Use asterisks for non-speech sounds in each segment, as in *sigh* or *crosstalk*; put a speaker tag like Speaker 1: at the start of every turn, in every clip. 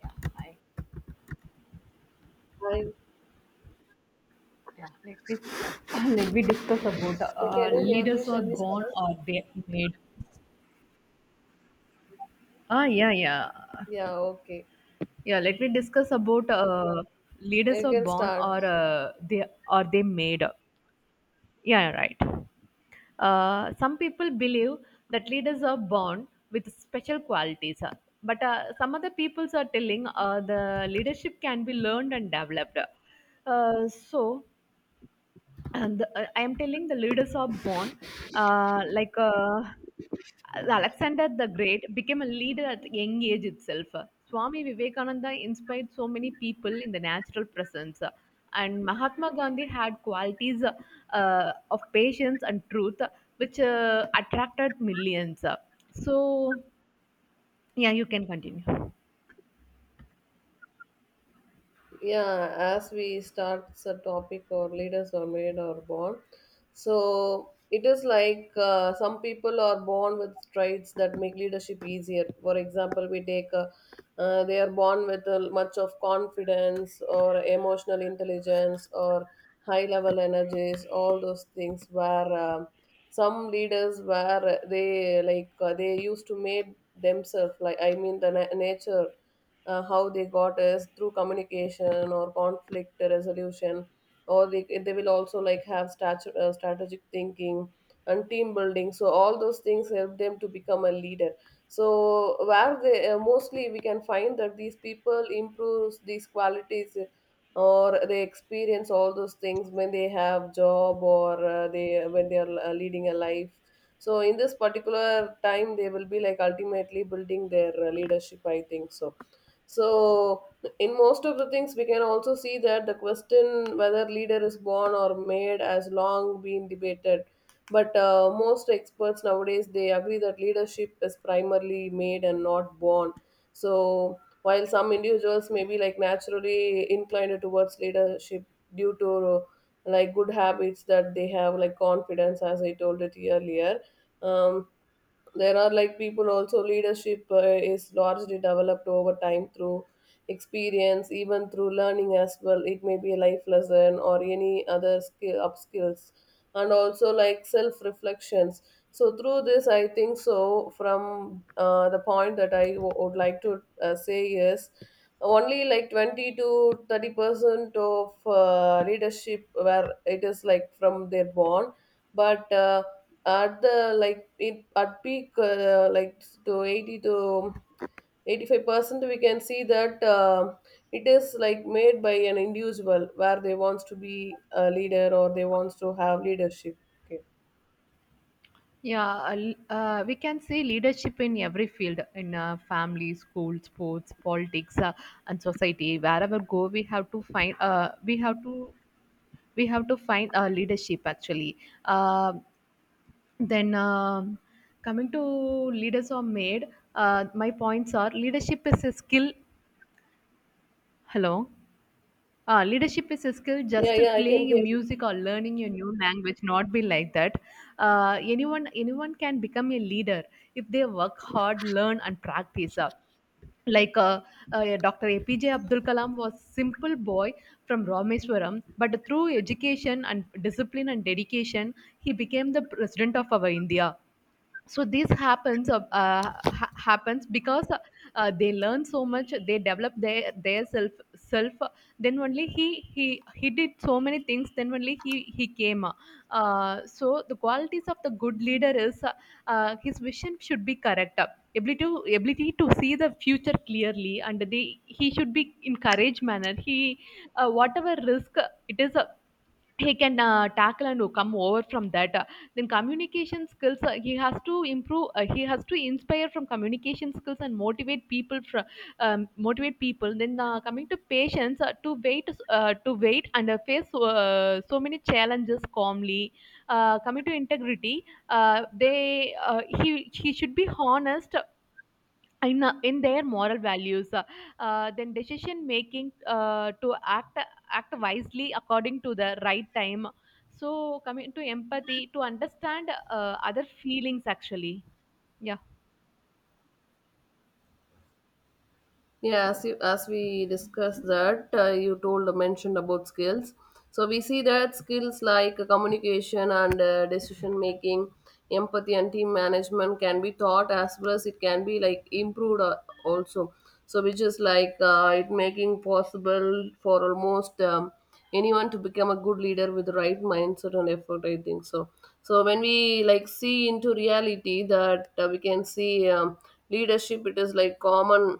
Speaker 1: Yeah, hi.
Speaker 2: Hi. Yeah.
Speaker 1: Yeah, let me *coughs* *clears throat* let me discuss about
Speaker 2: Can you hear me?
Speaker 1: leaders are
Speaker 2: Shall we
Speaker 1: born
Speaker 2: start?
Speaker 1: or made. Ah, yeah,
Speaker 2: Yeah, okay.
Speaker 1: yeah. Let me discuss about leaders
Speaker 2: You
Speaker 1: are
Speaker 2: can
Speaker 1: born
Speaker 2: start.
Speaker 1: or they are they made. Yeah, right. Some people believe that leaders are born with special qualities, but some other peoples are telling the leadership can be learned and developed. Uh, so I am telling the leaders are born. Uh, like uh, Alexander the Great became a leader at young age itself. Swami Vivekananda inspired so many people in the natural presence, and Mahatma Gandhi had qualities of patience and truth, which attracted millions. So, yeah, you can continue.
Speaker 2: Yeah, as we start the topic or leaders are made or born, so it is like some people are born with traits that make leadership easier. For example, we take they are born with much of confidence or emotional intelligence or high level energies, all those things. Where some leaders, where they like they used to made themselves, like I mean the nature. How they got is through communication or conflict resolution, or they will also like have strategic thinking and team building. So all those things help them to become a leader. So where they mostly, we can find that these people improves these qualities, or they experience all those things when they have job, or they when they are leading a life. So in this particular time they will be like ultimately building their leadership, I think so. So, in most of the things, we can also see that the question whether leader is born or made has long been debated. But most experts nowadays, they agree that leadership is primarily made and not born. So, while some individuals may be like naturally inclined towards leadership due to like good habits that they have, like confidence, as I told it earlier. Um, there are like people, also leadership is largely developed over time through experience, even through learning as well. It may be a life lesson or any other skill up skills, and also like self reflections. So through this, I think so, from the point that I would like to say is, only like 20 to 30% of leadership where it is like from their born, but at the like, it at peak like to 80 to 85% we can see that it is like made by an individual where they wants to be a leader or they wants to have leadership. Okay.
Speaker 1: Yeah, we can see leadership in every field in family, school, sports, politics, and society. Wherever go, we have to find. Uh, we have to find leadership actually. Uh, then Coming to leaders are made. My points are leadership is a skill. Hello. Ah, leadership is a skill just
Speaker 2: Yeah, yeah, I can
Speaker 1: playing a
Speaker 2: hear.
Speaker 1: music or learning a new language not be like that, anyone can become a leader if they work hard learn and practice, like uh, Dr. APJ Abdul Kalam was simple boy from Rameswaram, but through education and discipline and dedication, he became the president of our India. So this happens because they learn so much, they develop their self then only he did so many things, then only he came. So the qualities of the good leader is, his vision should be correct, ability to see the future clearly, and they he should be in courage manner. He Whatever risk it is, he can tackle and come over from that. Then Communication skills, he has to improve. He has to inspire from communication skills and motivate people from motivate people. Then coming to patience, to wait and face so many challenges calmly. Coming to integrity, uh, they he should be honest in their moral values. Then Decision making, to act wisely according to the right time. So coming to empathy, to understand other feelings actually. Yeah.
Speaker 2: Yeah, as we discussed that, you told mentioned about skills. So we see that skills like communication and decision making, empathy and team management can be taught as well as it can be like improved, also. So which is like it making possible for almost anyone to become a good leader with the right mindset and effort. I think so. So when we like see into reality that we can see leadership, it is like common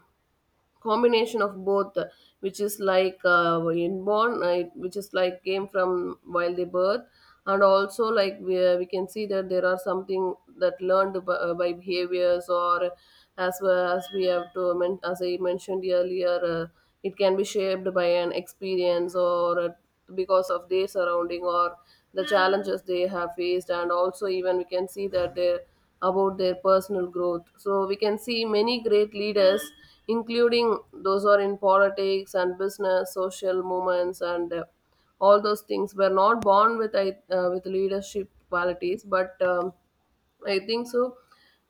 Speaker 2: combination of both, which is like inborn, which is like came from while they birth, and also like we can see that there are something that learned by behaviors, or as well as we have to men- as I mentioned earlier, it can be shaped by an experience, or a, because of their surrounding, or the challenges they have faced, and also even we can see that they're about their personal growth. So we can see many great leaders including those who are in politics and business, social movements, and all those things were not born with with leadership qualities, but I think so,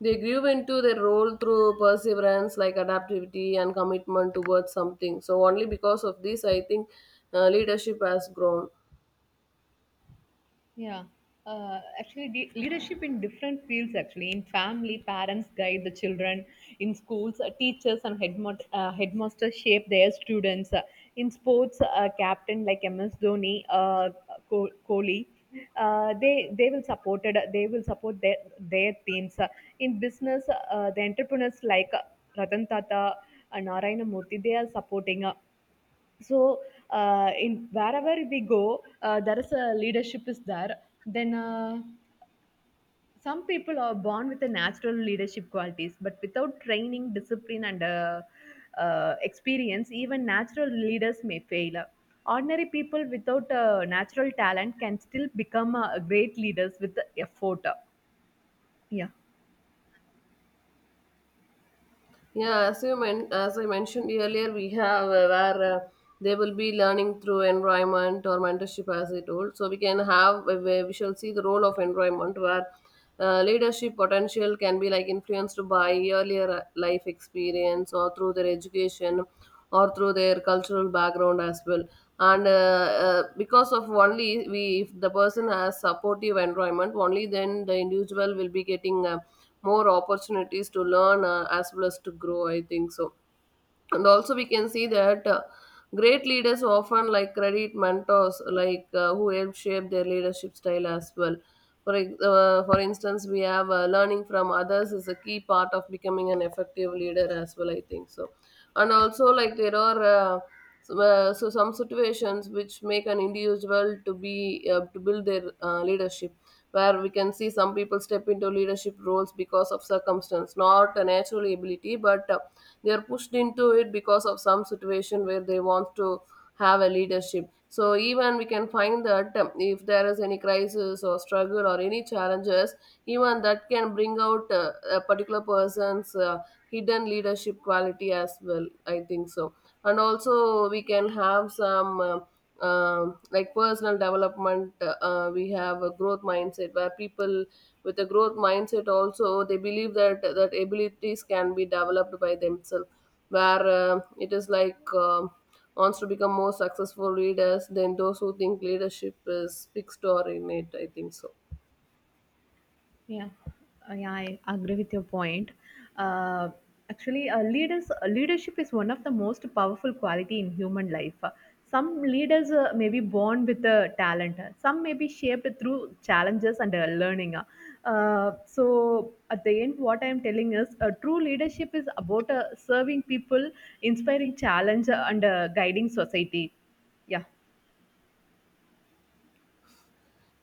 Speaker 2: they grew into their role through perseverance, like adaptivity and commitment towards something. So, only because of this, I think leadership has grown.
Speaker 1: Yeah. Actually, the leadership in different fields, actually, in family, parents guide the children, in schools, teachers and headmo headmasters shape their students. In sports, captain like MS Dhoni, Kohli, they will support it, they will support their teams. In business, the entrepreneurs like Ratan Tata and Narayana Murthy, they are supporting. So in wherever we go, there is a leadership is there. Then Some people are born with the natural leadership qualities, but without training discipline and, experience, even natural leaders may fail. Ordinary people without natural talent can still become great leaders with the effort. Yeah.
Speaker 2: Yeah, as I mentioned earlier, we have where they will be learning through environment or mentorship, as I told. So we can have where we shall see the role of environment where leadership potential can be like influenced by earlier life experience or through their education or through their cultural background as well. And because of only we, if the person has supportive environment, only then the individual will be getting. More opportunities to learn, as well as to grow, I think so. And also we can see that great leaders often like credit mentors, like who help shape their leadership style as well. For instance, we have learning from others is a key part of becoming an effective leader as well, I think so. And also like, there are so some situations which make an individual to be to build their leadership, where we can see some people step into leadership roles because of circumstance, not a natural ability, but they are pushed into it because of some situation where they want to have a leadership. So even we can find that if there is any crisis or struggle or any challenges, even that can bring out a particular person's hidden leadership quality as well, I think so. And also we can have some like personal development, we have a growth mindset where people with a growth mindset also, they believe that abilities can be developed by themselves, where it is like wants to become more successful leaders than those who think leadership is fixed or innate, I think so.
Speaker 1: Yeah, yeah, I agree with your point. Uh, actually, leadership is one of the most powerful quality in human life. Some leaders may be born with the talent. Some may be shaped through challenges and learning. So at the end, what I am telling is, true leadership is about serving people, inspiring challenge, and guiding society. Yeah,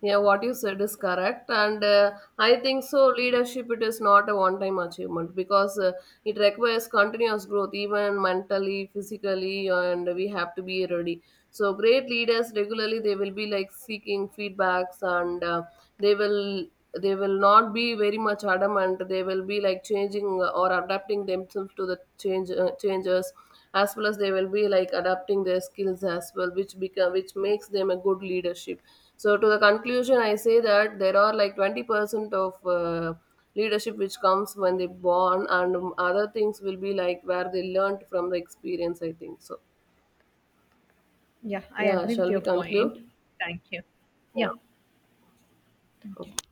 Speaker 2: Yeah, what you said is correct, and I think so. Leadership, it is not a one-time achievement because it requires continuous growth, even mentally, physically, and we have to be ready. So, great leaders regularly they will be like seeking feedbacks, and they will they will not be very much adamant. They will be like changing or adapting themselves to the changes, as well as they will be like adapting their skills as well, which makes them a good leadership. So to the conclusion, I say that there are like 20% of leadership which comes when they born, and other things will be like where they learned from the experience. I think so.
Speaker 1: yeah, I
Speaker 2: Yeah,
Speaker 1: agree with
Speaker 2: shall
Speaker 1: your
Speaker 2: we
Speaker 1: point.
Speaker 2: conclude?
Speaker 1: Thank you.
Speaker 2: Yeah.
Speaker 1: Yeah.
Speaker 2: Okay.